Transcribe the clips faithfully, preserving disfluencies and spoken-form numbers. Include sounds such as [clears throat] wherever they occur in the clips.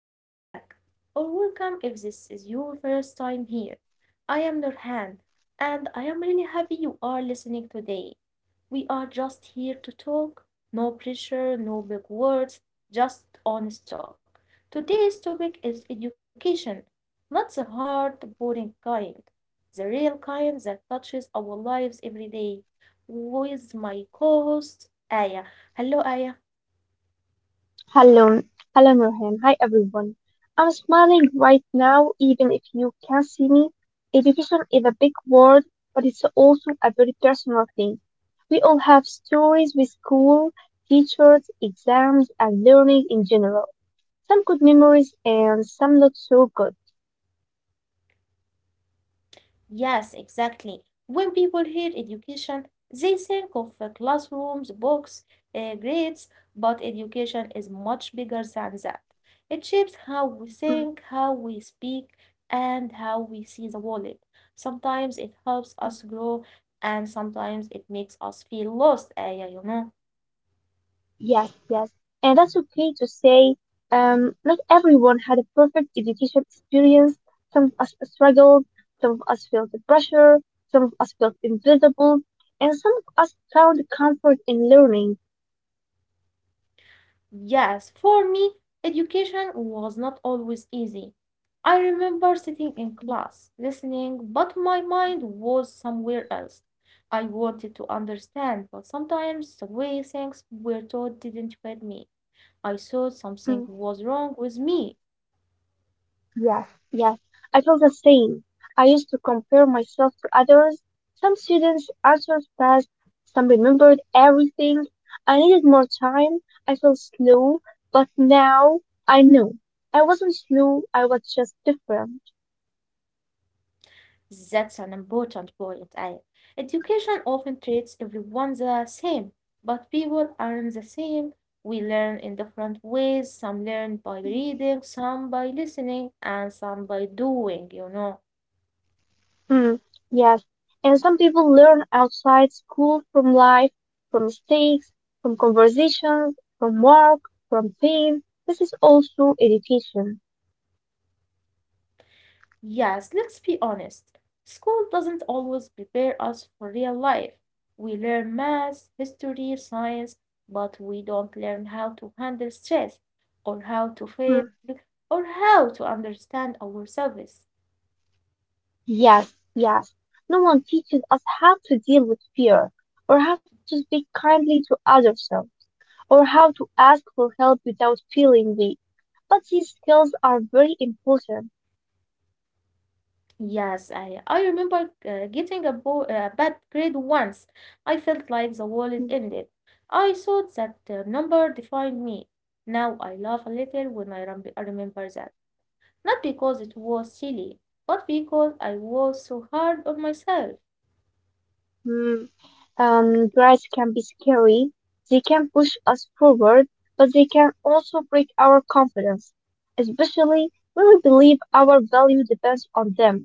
welcome back, or welcome if this is your first time here. I am Nurhan, and I am really happy you are listening today. We are just here to talk, no pressure, no big words, just honest talk. Today's topic is education, not the hard, boring kind, the real kind that touches our lives every day. With my co host, Aya. Hello, Aya. Hello, hello Nurhan. Hi everyone. I'm smiling right now, even if you can't see me. Education is a big word, but it's also a very personal thing. We all have stories with school, teachers, exams, and learning in general. Some good memories and some not so good. Yes, exactly. When people hear education, they think of uh, classrooms, books, uh, grades, but education is much bigger than that. It shapes how we Mm-hmm. think, how we speak, and how we see the world. Sometimes it helps us grow, and sometimes it makes us feel lost, Aya, you know. Yes, yes. and that's okay to say, um, not everyone had a perfect education experience. Some of us struggled, some of us felt the pressure, some of us felt invisible, and some of us found comfort in learning. Yes, for me, education was not always easy. I remember sitting in class, listening, but my mind was somewhere else. I wanted to understand, but sometimes the way things were taught didn't fit me. I thought something Mm. was wrong with me. Yes, yes, I felt the same. I used to compare myself to others. Some students answered fast, some remembered everything. I needed more time. I felt slow, but now I know. I wasn't slow, I was just different. That's an important point, Aya. Education often treats everyone the same, but people aren't the same. We learn in different ways. Some learn by reading, some by listening, and some by doing, you know. Hmm, yes, and some people learn outside school from life, from mistakes, from conversations, from work, from pain. This is also education. Yes, let's be honest. School doesn't always prepare us for real life. We learn math, history, science, but we don't learn how to handle stress, or how to Hmm. fail, or how to understand ourselves. Yes, yes. No one teaches us how to deal with fear, or how to speak kindly to others, or how to ask for help without feeling weak. But these skills are very important. Yes, I, I remember uh, getting a, bo- a bad grade once. I felt like the world ended. I thought that uh, number defined me. Now I laugh a little when I rem- I remember that. Not because it was silly, but because I was so hard on myself. Mhm. Um, pride can be scary. They can push us forward, but they can also break our confidence, especially when we believe our value depends on them.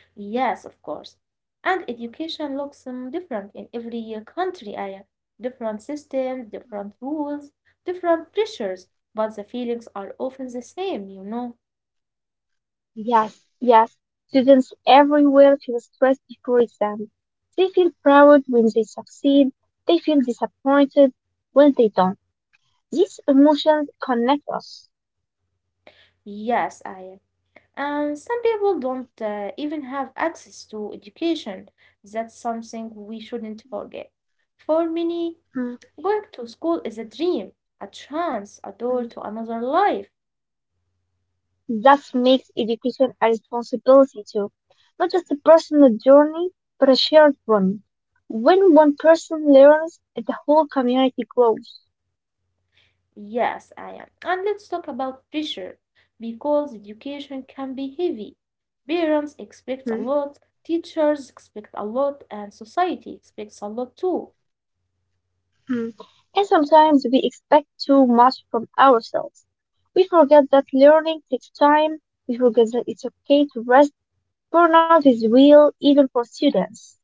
Yes, of course. And education looks um, different in every uh, country, I uh, Different systems, different rules, different pressures, but the feelings are often the same, you know. Yes, yes. students everywhere feel stressed before exams. They feel proud when they succeed. They feel disappointed when they don't. These emotions connect us. Yes, I am. And some people don't uh, even have access to education. That's something we shouldn't forget. For many, Mm, going to school is a dream, a chance, a door mm. to another life. That makes education a responsibility too. Not just a personal journey, but a shared one. When one person learns, the whole community grows. Yes, I am. And let's talk about pressure, because education can be heavy. Parents expect a lot, teachers expect a lot, and society expects a lot too. Mm. And sometimes we expect too much from ourselves. We forget that learning takes time. We forget that it's okay to rest. Burnout is real, even for students.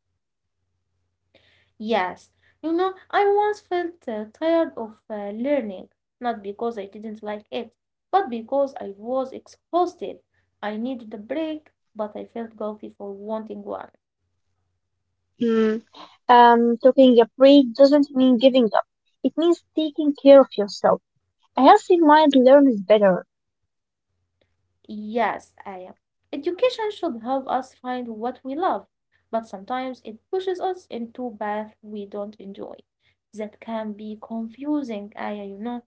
Yes, you know, I once felt uh, tired of uh, learning, not because I didn't like it, but because I was exhausted. I needed a break, but I felt guilty for wanting one. Mm. Um, taking a break doesn't mean giving up. It means taking care of yourself. A healthy mind learns better. Yes, I am. Education should help us find what we love, but sometimes it pushes us into paths we don't enjoy. That can be confusing, Aya, you know.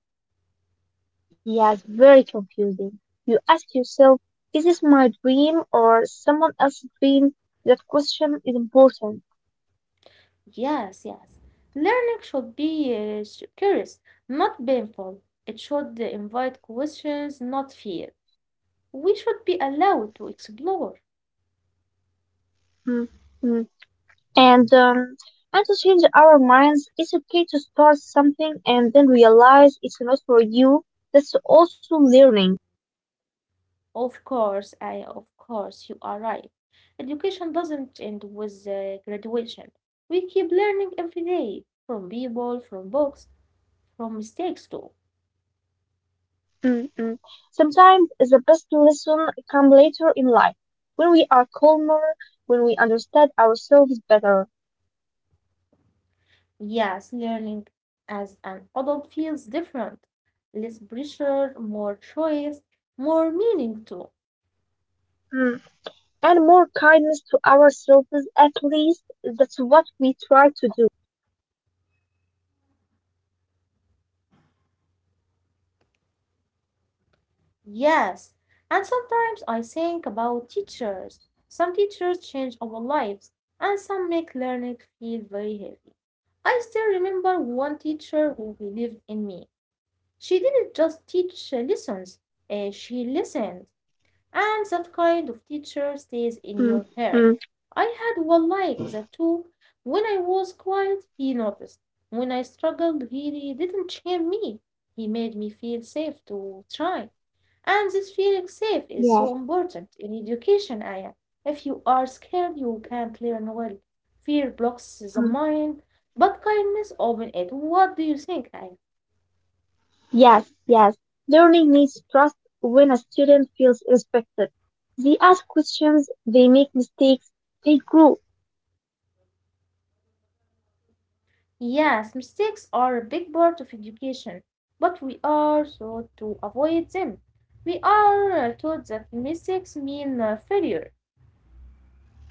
Yeah, it's very confusing. You ask yourself, is this my dream or someone else's dream? That question is important. Yes, yes. Learning should be uh, sh- curious, not painful. It should uh, invite questions, not fear. We should be allowed to explore. Mm. Mm. and um, and to change our minds. It's okay to start something and then realize it's not for you. That's also learning. Of course, I, of course, you are right. Education doesn't end with uh, graduation. We keep learning every day from people, from books, from mistakes too. Mm-mm. Sometimes the best lesson come later in life when we are calmer, when we understand ourselves better. Yes, learning as an adult feels different. Less pressure, more choice, more meaning too. Mm. And more kindness to ourselves, at least that's what we try to do. Yes, and sometimes I think about teachers. Some teachers change our lives, and some make learning feel very heavy. I still remember one teacher who believed in me. She didn't just teach uh, lessons, uh, she listened and that kind of teacher Mm, stays in mm, your heart. I had one like that too. When I was quiet, he noticed. When I struggled, he didn't shame me. He made me feel safe to try. And this feeling safe is yes. so important in education, Aya. If you are scared, you can't learn well. Fear blocks the mind, but kindness opens it. What do you think, Aya? Yes, yes. Learning needs trust. When a student feels respected, they ask questions, they make mistakes, they grow. Yes, mistakes are a big part of education, but we are taught to avoid them. We are uh, taught that mistakes mean uh, failure.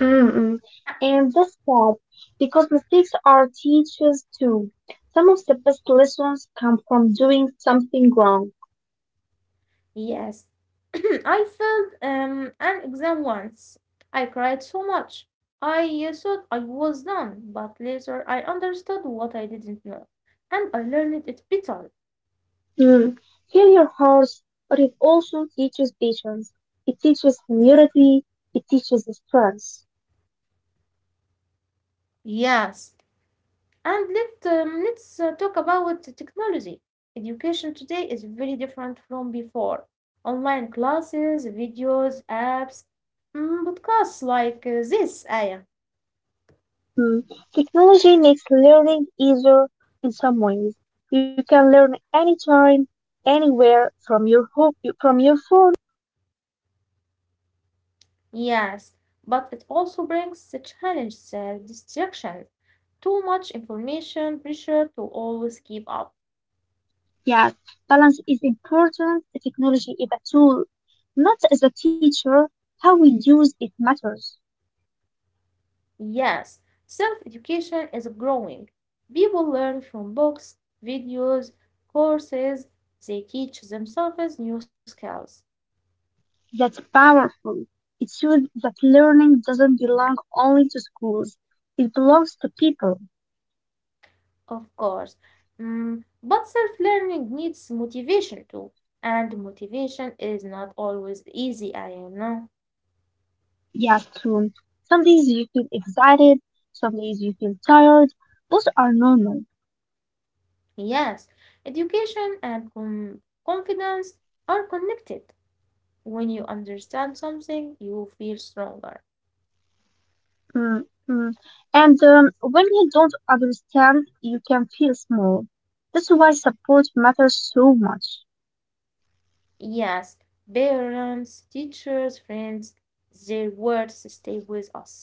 Mm-mm. And that's sad because mistakes are teachers too. Some of the best lessons come from doing something wrong. Yes, [clears throat] I failed um, an exam once. I cried so much. I uh, thought I was done, but later I understood what I didn't know, and I learned it better. Mm. Failure hurts, but it also teaches patience. It teaches humility. It teaches strength. Yes, and let, um, let's uh, talk about the technology. Education today is very different from before. Online classes, videos, apps, mm, podcasts like uh, this, Aya. Mm. Technology makes learning easier in some ways. You can learn anytime, anywhere from your home, from your phone. Yes, but it also brings the challenges, uh, distraction, too much information, pressure to always keep up. Yes, balance is important. The Technology is a tool, not as a teacher. How we use it matters. Yes, self education is growing. People learn from books, videos, courses, they teach themselves new skills. That's powerful. It shows that learning doesn't belong only to schools. It belongs to people. Of course. Mm, but self learning needs motivation too. And motivation is not always easy, I know. Yes, true. Some days you feel excited. Some days you feel tired. Both are normal. Yes, education and com- confidence are connected. When you understand something, you feel stronger. Mm, mm. And um, when you don't understand, you can feel small. That's why support matters so much. Yes, parents, teachers, friends, their words stay with us.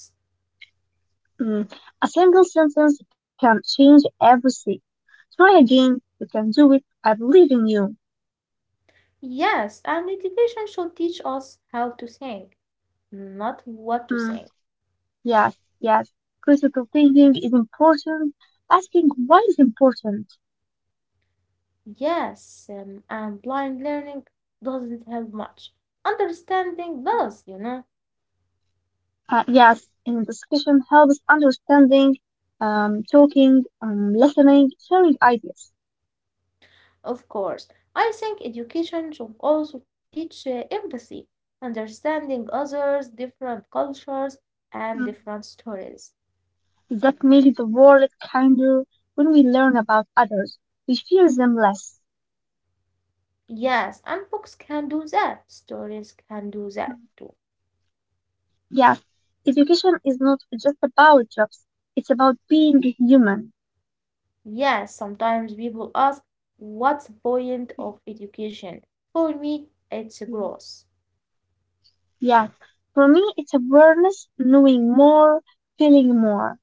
Mm. A single sentence can change everything. Try again. You can do it. I believe in you. Yes, and education should teach us how to think, not what to think. Mm. Yes, yes. Critical thinking is important. Asking why is important. Yes, um, and blind learning doesn't help much. Understanding does, you know, Uh, yes, in discussion helps understanding, um, talking, um, listening, sharing ideas. of course. I think education should also teach uh, empathy, understanding others, different cultures, and Mm. different stories. That makes the world kinder when we learn about others. We fear them less. Yes, and books can do that. Stories can do that too. Yes, education is not just about jobs, it's about being human. Yes, sometimes people ask, what's the point of education? For me, it's Mm. growth. Yes, for me, it's awareness, knowing more, feeling more.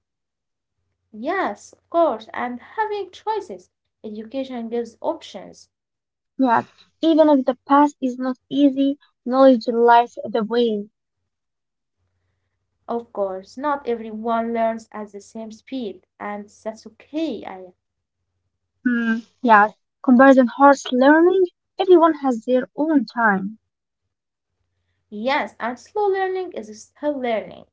Yes, of course, and having choices. Education gives options. Yes, even if the past is not easy, knowledge lies the way. Of course, not everyone learns at the same speed, and that's okay. I, Hmm. Yes, comparison hurts learning. Everyone has their own time. yes, and slow learning is still learning.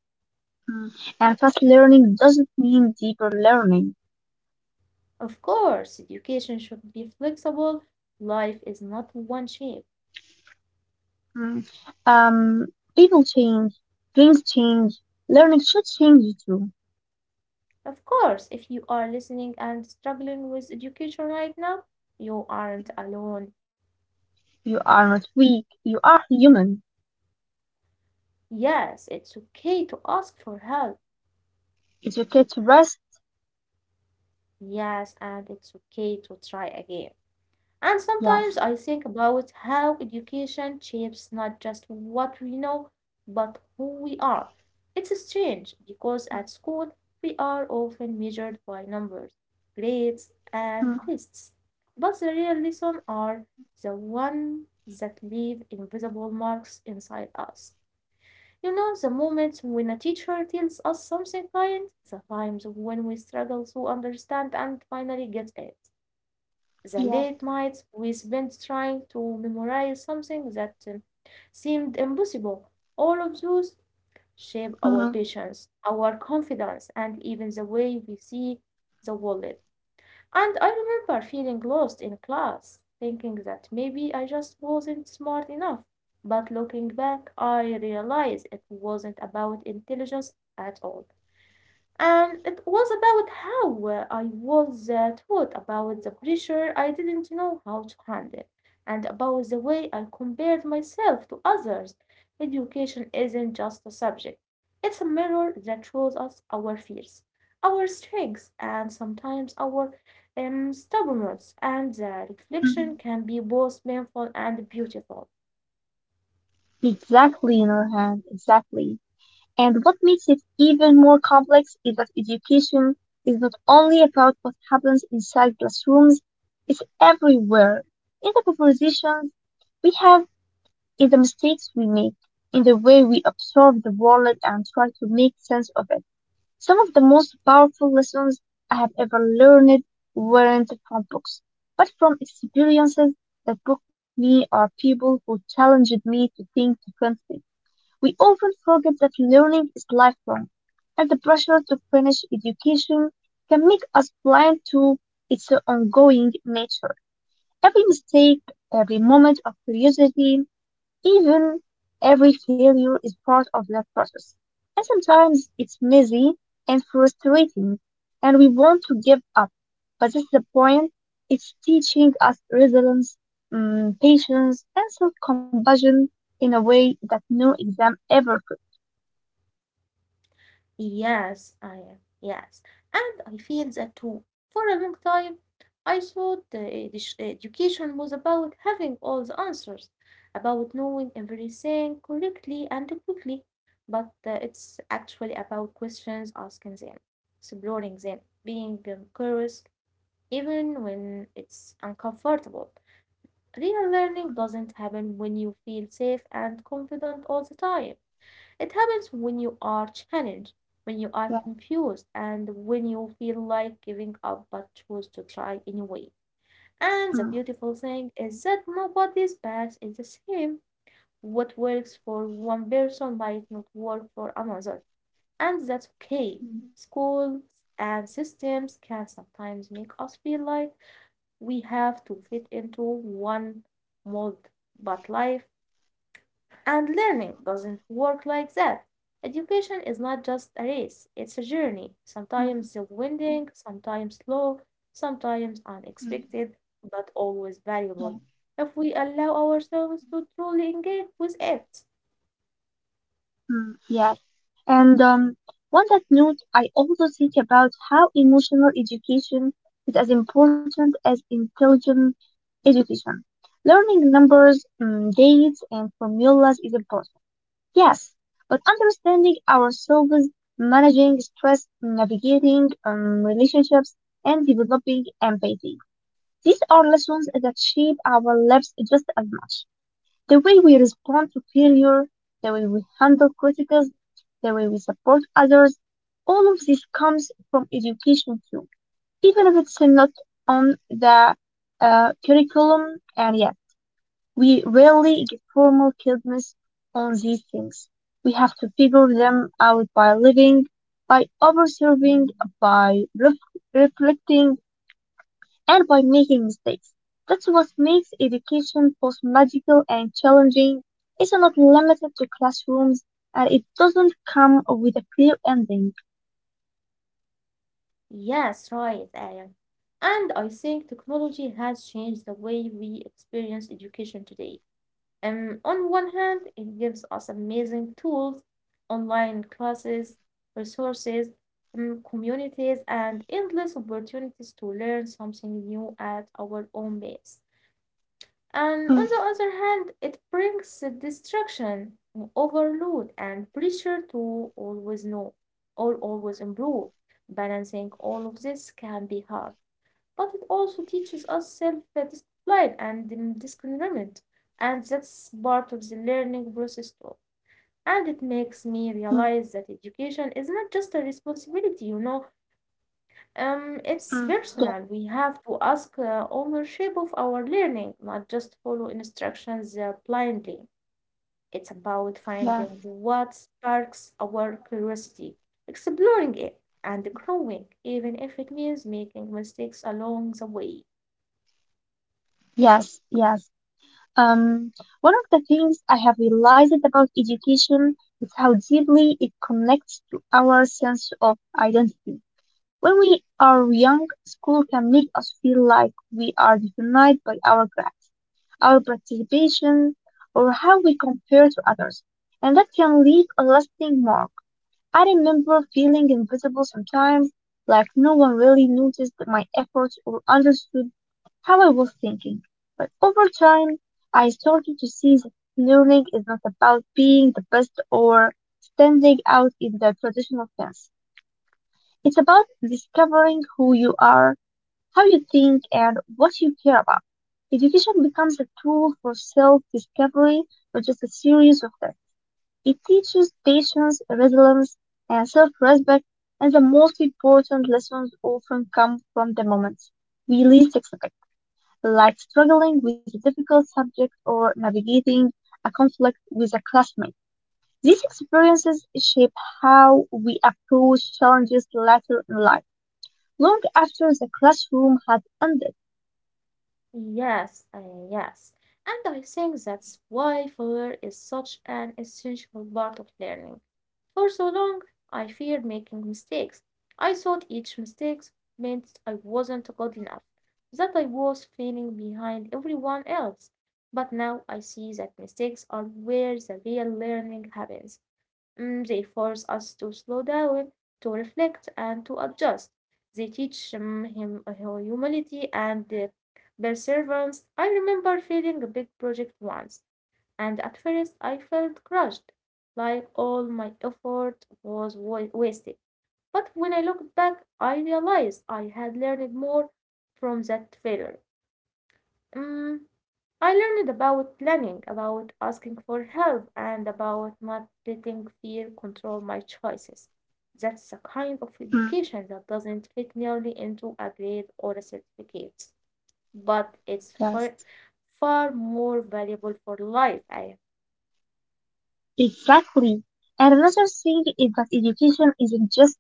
Hmm. And fast learning doesn't mean deeper learning. Of course, education should be flexible. Life is not one shape. Mm. Um, People change, dreams change, learning should change too. Of course, if you are listening and struggling with education right now, you aren't alone. You are not weak, you are human. Yes, it's okay to ask for help. It's okay to rest, Yes, and it's okay to try again. And yes. sometimes I think about how education shapes not just what we know, but who we are. It's strange because at school we are often measured by numbers, grades, and Mm. tests. But the real lessons are the ones that leave invisible marks inside us. You know, the moments when a teacher tells us something kind, the times when we struggle to understand and finally get it. The Yes. late nights we spent trying to memorize something that uh, seemed impossible, all of those shape our Mhm. patience, our confidence, and even the way we see the world. And I remember feeling lost in class, thinking that maybe I just wasn't smart enough. But looking back, I realized it wasn't about intelligence at all. And it was about how uh, I was uh, taught about the pressure I didn't know how to handle, and about the way I compared myself to others. Education isn't just a subject, it's a mirror that shows us our fears, our strengths, and sometimes our um, stubbornness. And the reflection Mhm. can be both painful and beautiful. Exactly, Nurhan, exactly. And what makes it even more complex is that education is not only about what happens inside classrooms, it's everywhere. In the conversations we have in the mistakes we make, in the way we observe the world and try to make sense of it. Some of the most powerful lessons I have ever learned weren't from books, but from experiences that broke me or people who challenged me to think differently. We often forget that learning is lifelong, and the pressure to finish education can make us blind to its ongoing nature. Every mistake, every moment of curiosity, even every failure is part of that process. And sometimes it's messy and frustrating, and we want to give up. But this is the point. It's teaching us resilience, mm, patience, and self-compassion in a way that no exam ever could. Yes, I am. Yes. And I feel that too. For a long time, I thought uh, edu- education was about having all the answers, about knowing everything correctly and quickly. But uh, it's actually about questions, asking them, exploring them, being um, curious, even when it's uncomfortable. Real learning Mm, doesn't happen when you feel safe and confident all the time. It happens when you are challenged, when you are yeah. confused, and when you feel like giving up but choose to try anyway. And the Mm, beautiful thing is that nobody's path is the same. What works for one person might not work for another, and that's okay. mm, Schools and systems can sometimes make us feel like we have to fit into one mold, but life and learning doesn't work like that. Education is not just a race, it's a journey, sometimes mm, winding, sometimes slow, sometimes mm, mm, unexpected, but always valuable yeah. if we allow ourselves to truly engage with it. mm, yeah. And um, On that note, I also think about how emotional education is as important as intelligent education. Learning numbers, mm, dates, and formulas is important, yes, but understanding ourselves, managing stress, navigating um, relationships, and developing empathy. These are lessons that shape our lives just as much. The way we respond to failure, the way we handle criticism, the way we support others, all of this comes from education too, even if it's not on the uh, curriculum. And yet, we rarely get formal guidance on these things. We have to figure them out by living, by observing, by ref- reflecting, and by making mistakes. That's what makes education both magical and challenging. It's not limited to classrooms and it doesn't come with a clear ending. Yes, right, Aaron. And I think technology has changed the way we experience education today. Um, on one hand, it gives us amazing tools, online classes, resources, um, communities, and endless opportunities to learn something new at our own pace. And Mm, on the other hand, it brings distraction, overload, and pressure to always know or always improve. Balancing all of this can be hard but it also teaches us self discipline and um, discernment, and that's part of the learning process too. And it makes me mm, realize that education is not just a responsibility, you know, um, mm. it's personal. We have to ask uh, ownership of our learning, not just follow instructions uh, blindly. It's about finding Yes, what sparks our curiosity, exploring it, and growing, even if it means making mistakes along the way. yes, yes, yes. Um, One of the things I have realized about education is how deeply it connects to our sense of identity. When we are young, school can make us feel like we are defined by our grades our participation, or how we compare to others, and that can leave a lasting mark. I remember feeling invisible sometimes, like no one really noticed my efforts or understood how I was thinking. But over time, I started to see that learning is not about being the best or standing out in the traditional sense. It's about discovering who you are how you think and what you care about. Education becomes a tool for self discovery, not just a series of tests. It teaches patience, resilience, and self respect, and the most important lessons often come from the moments we least expect, like struggling with a difficult subject or navigating a conflict with a classmate. These experiences shape how we approach challenges later in life, long after the classroom has ended. Yes, uh, yes. And I think that's why failure is such an essential part of learning. For so long, I feared making mistakes. I thought each mistake meant I wasn't good enough, that I was failing behind everyone else. But now I see that mistakes are where the real learning happens. Mm, they force us to slow down, to reflect, and to adjust. They teach um, him humility and uh, Perseverance. I remember failing a big project once, and at first I felt crushed, like all my effort was wa- wasted. But when I looked back, I realized I had learned more from that failure. Mm, I learned about planning, about asking for help, and about not letting fear control my choices. That's the kind of education that doesn't fit merely into a grade or a certificate but it's far, Yes, far more valuable for life. I, exactly. And another thing is that education isn't just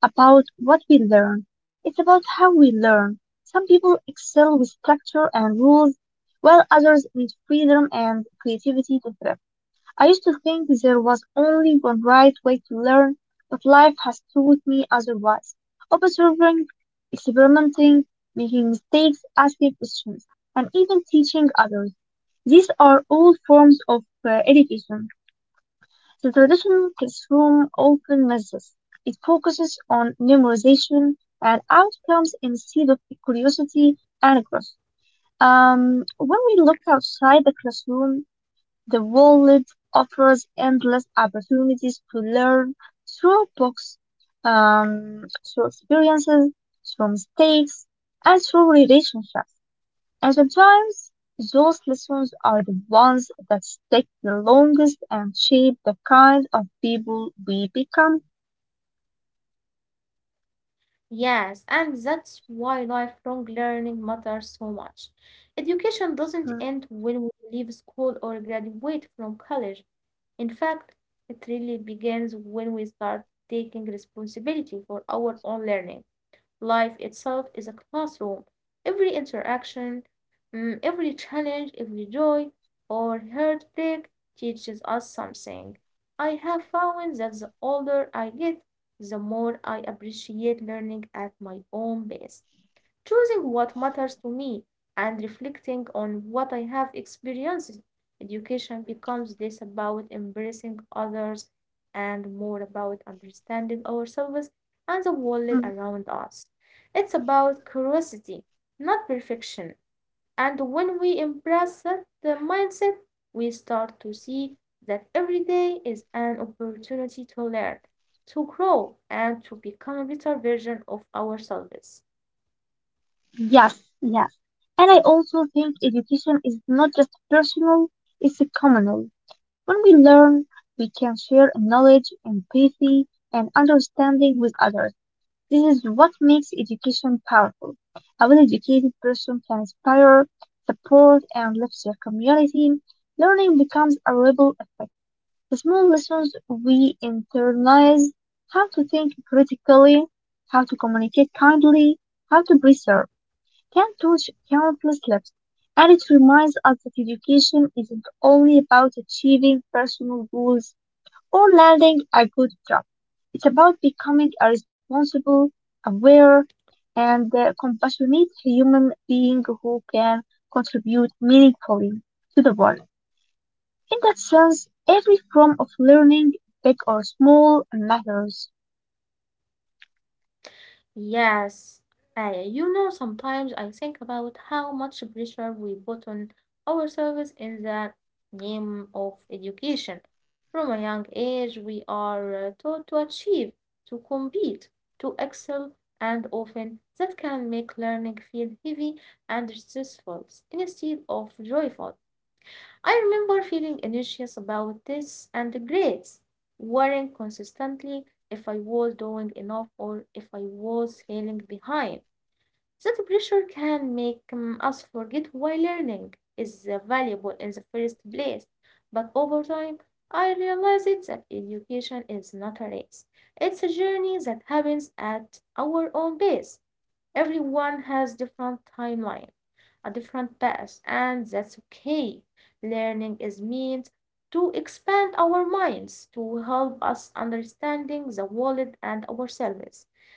about what we learn, it's about how we learn. Some people excel with structure and rules, while others need freedom and creativity to thrive. I used to think there was only one right way to learn, but life has taught me otherwise. Observing, experimenting, making mistakes, asking questions, and even teaching others. These are all forms of uh, education. The traditional classroom open method. It focuses on memorization and outcomes instead of curiosity and growth. Um, when we look outside the classroom, the world offers endless opportunities to learn through books, um, through experiences, through mistakes, and through relationships. And sometimes those lessons are the ones that stick the longest and shape the kind of people we become. yes, and that's why lifelong learning matters so much. Education doesn't end when we leave school or graduate from college. In fact, it really begins when we start taking responsibility for our own learning. Life itself is a classroom. Every interaction, mm, every challenge, every joy or heartbreak teaches us something. I have found that the older I get, the more I appreciate learning at my own pace choosing what matters to me, and reflecting on what I have experienced. Education becomes less about embracing others and more about understanding ourselves and the world around us. It's about curiosity, not perfection. And when we embrace that the mindset, we start to see that every day is an opportunity to learn, to grow, and to become a better version of ourselves. Yes, yes. And I also think education is not just personal, it's a communal. When we learn, we can share knowledge, empathy, and understanding with others. This is what makes education powerful. A well educated person can inspire, support, and lift their community. Learning becomes a ripple effect. The small lessons we internalize how to think critically, how to communicate kindly, how to preserve can touch countless lives, and it reminds us that education isn't only about achieving personal goals or landing a good job. It's about becoming a responsible, aware, and uh, compassionate human being who can contribute meaningfully to the world. In that sense, every form of learning, big or small, matters. Yes, Aya, you know, sometimes I think about how much pressure we put on ourselves in the name of education. From a young age, we are uh, taught to achieve, to compete, to excel, and often that can make learning feel heavy and stressful instead of joyful. I remember feeling anxious about this and the grades, worrying constantly if I was doing enough or if I was falling behind. That pressure can make um, us forget why learning is uh, valuable in the first place. But over time, I realized that education is not a race. It's a journey that happens at our own pace. Everyone has different timeline, a different path, and that's okay. Learning is meant to expand our minds, to help us understanding the world and ourselves,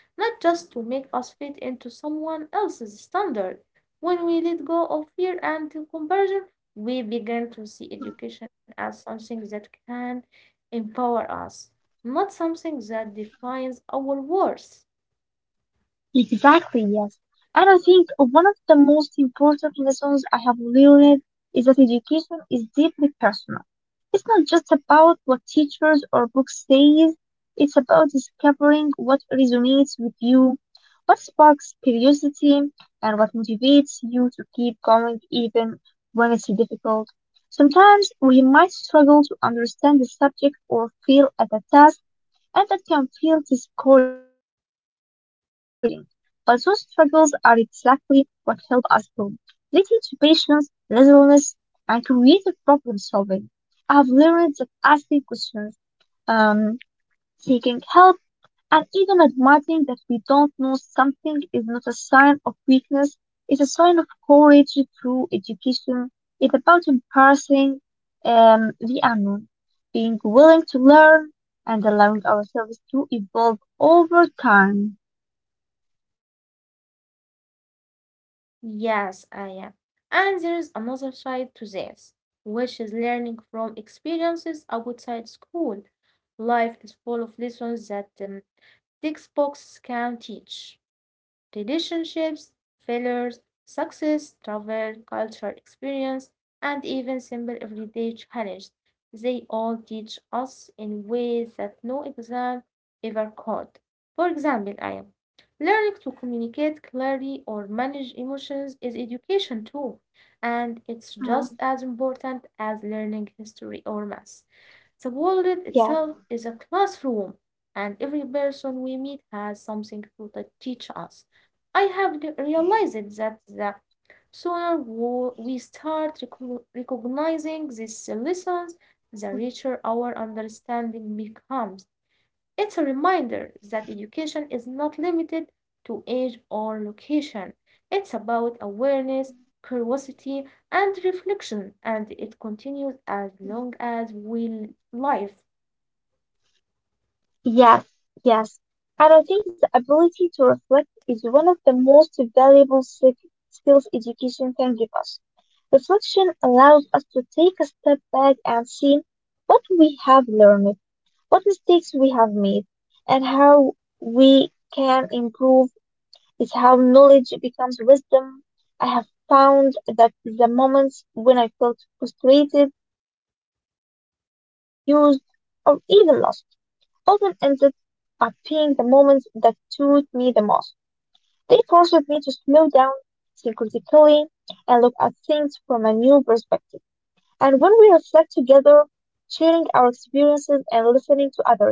not just to make us fit into someone else's standard. When we let go of fear and comparison, we begin to see education as something that can empower us, not something that defines our worth. Exactly, yes. And I think one of the most important lessons I have learned is that education is deeply personal. It's not just about what teachers or books say, it's about discovering what resonates with you, what sparks curiosity, and what motivates you to keep going even when it's difficult. Sometimes we might struggle to understand the subject or feel at a task and that can feel discouraging. But those struggles are exactly what help us grow. They teach patience, resilience, and creative problem solving. I've learned that asking questions, um, seeking help, and even admitting that we don't know something is not a sign of weakness, it's a sign of courage through education. It's about embracing um, the unknown, being willing to learn, and allowing ourselves to evolve over time. Yes, I am. And there is another side to this, which is learning from experiences outside school. Life is full of lessons that um, textbooks can teach relationships, failures, success, travel, culture, experience, and even simple everyday challenges. They all teach us in ways that no exam ever could. For example, I am learning to communicate clearly or manage emotions is education too, and it's just Mm, as important as learning history or math. The world yes. itself is a classroom, and every person we meet has something to t- teach us. I have re- realized that the sooner wo- we start recogn- recognizing these lessons, the richer our understanding becomes. It's a reminder that education is not limited to age or location. It's about awareness, curiosity, and reflection, and it continues as long as we live. Yes, yes. And I think the ability to reflect is one of the most valuable sk- skills education can give us. Reflection allows us to take a step back and see what we have learned, what mistakes we have made, and how we can improve is how knowledge becomes wisdom. I have found that the moments when I felt frustrated, confused, or even lost often ended up being the moments that taught me the most. They forced me to slow down, think critically, and look at things from a new perspective. And when we reflect together, sharing our experiences and listening to others,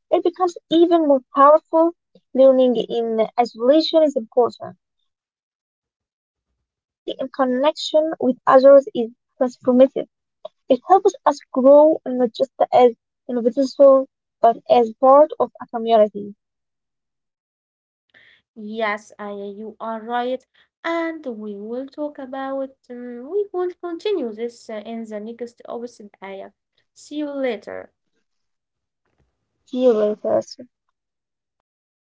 it becomes even more powerful. Learning in isolation is important, but learning in connection with others is transformative. It helps us grow not just as individuals but as part of a community. Yes, I, you are right. And we will talk about, um, we will continue this uh, in the next episode. آية. See you later. See you later. Goodbye.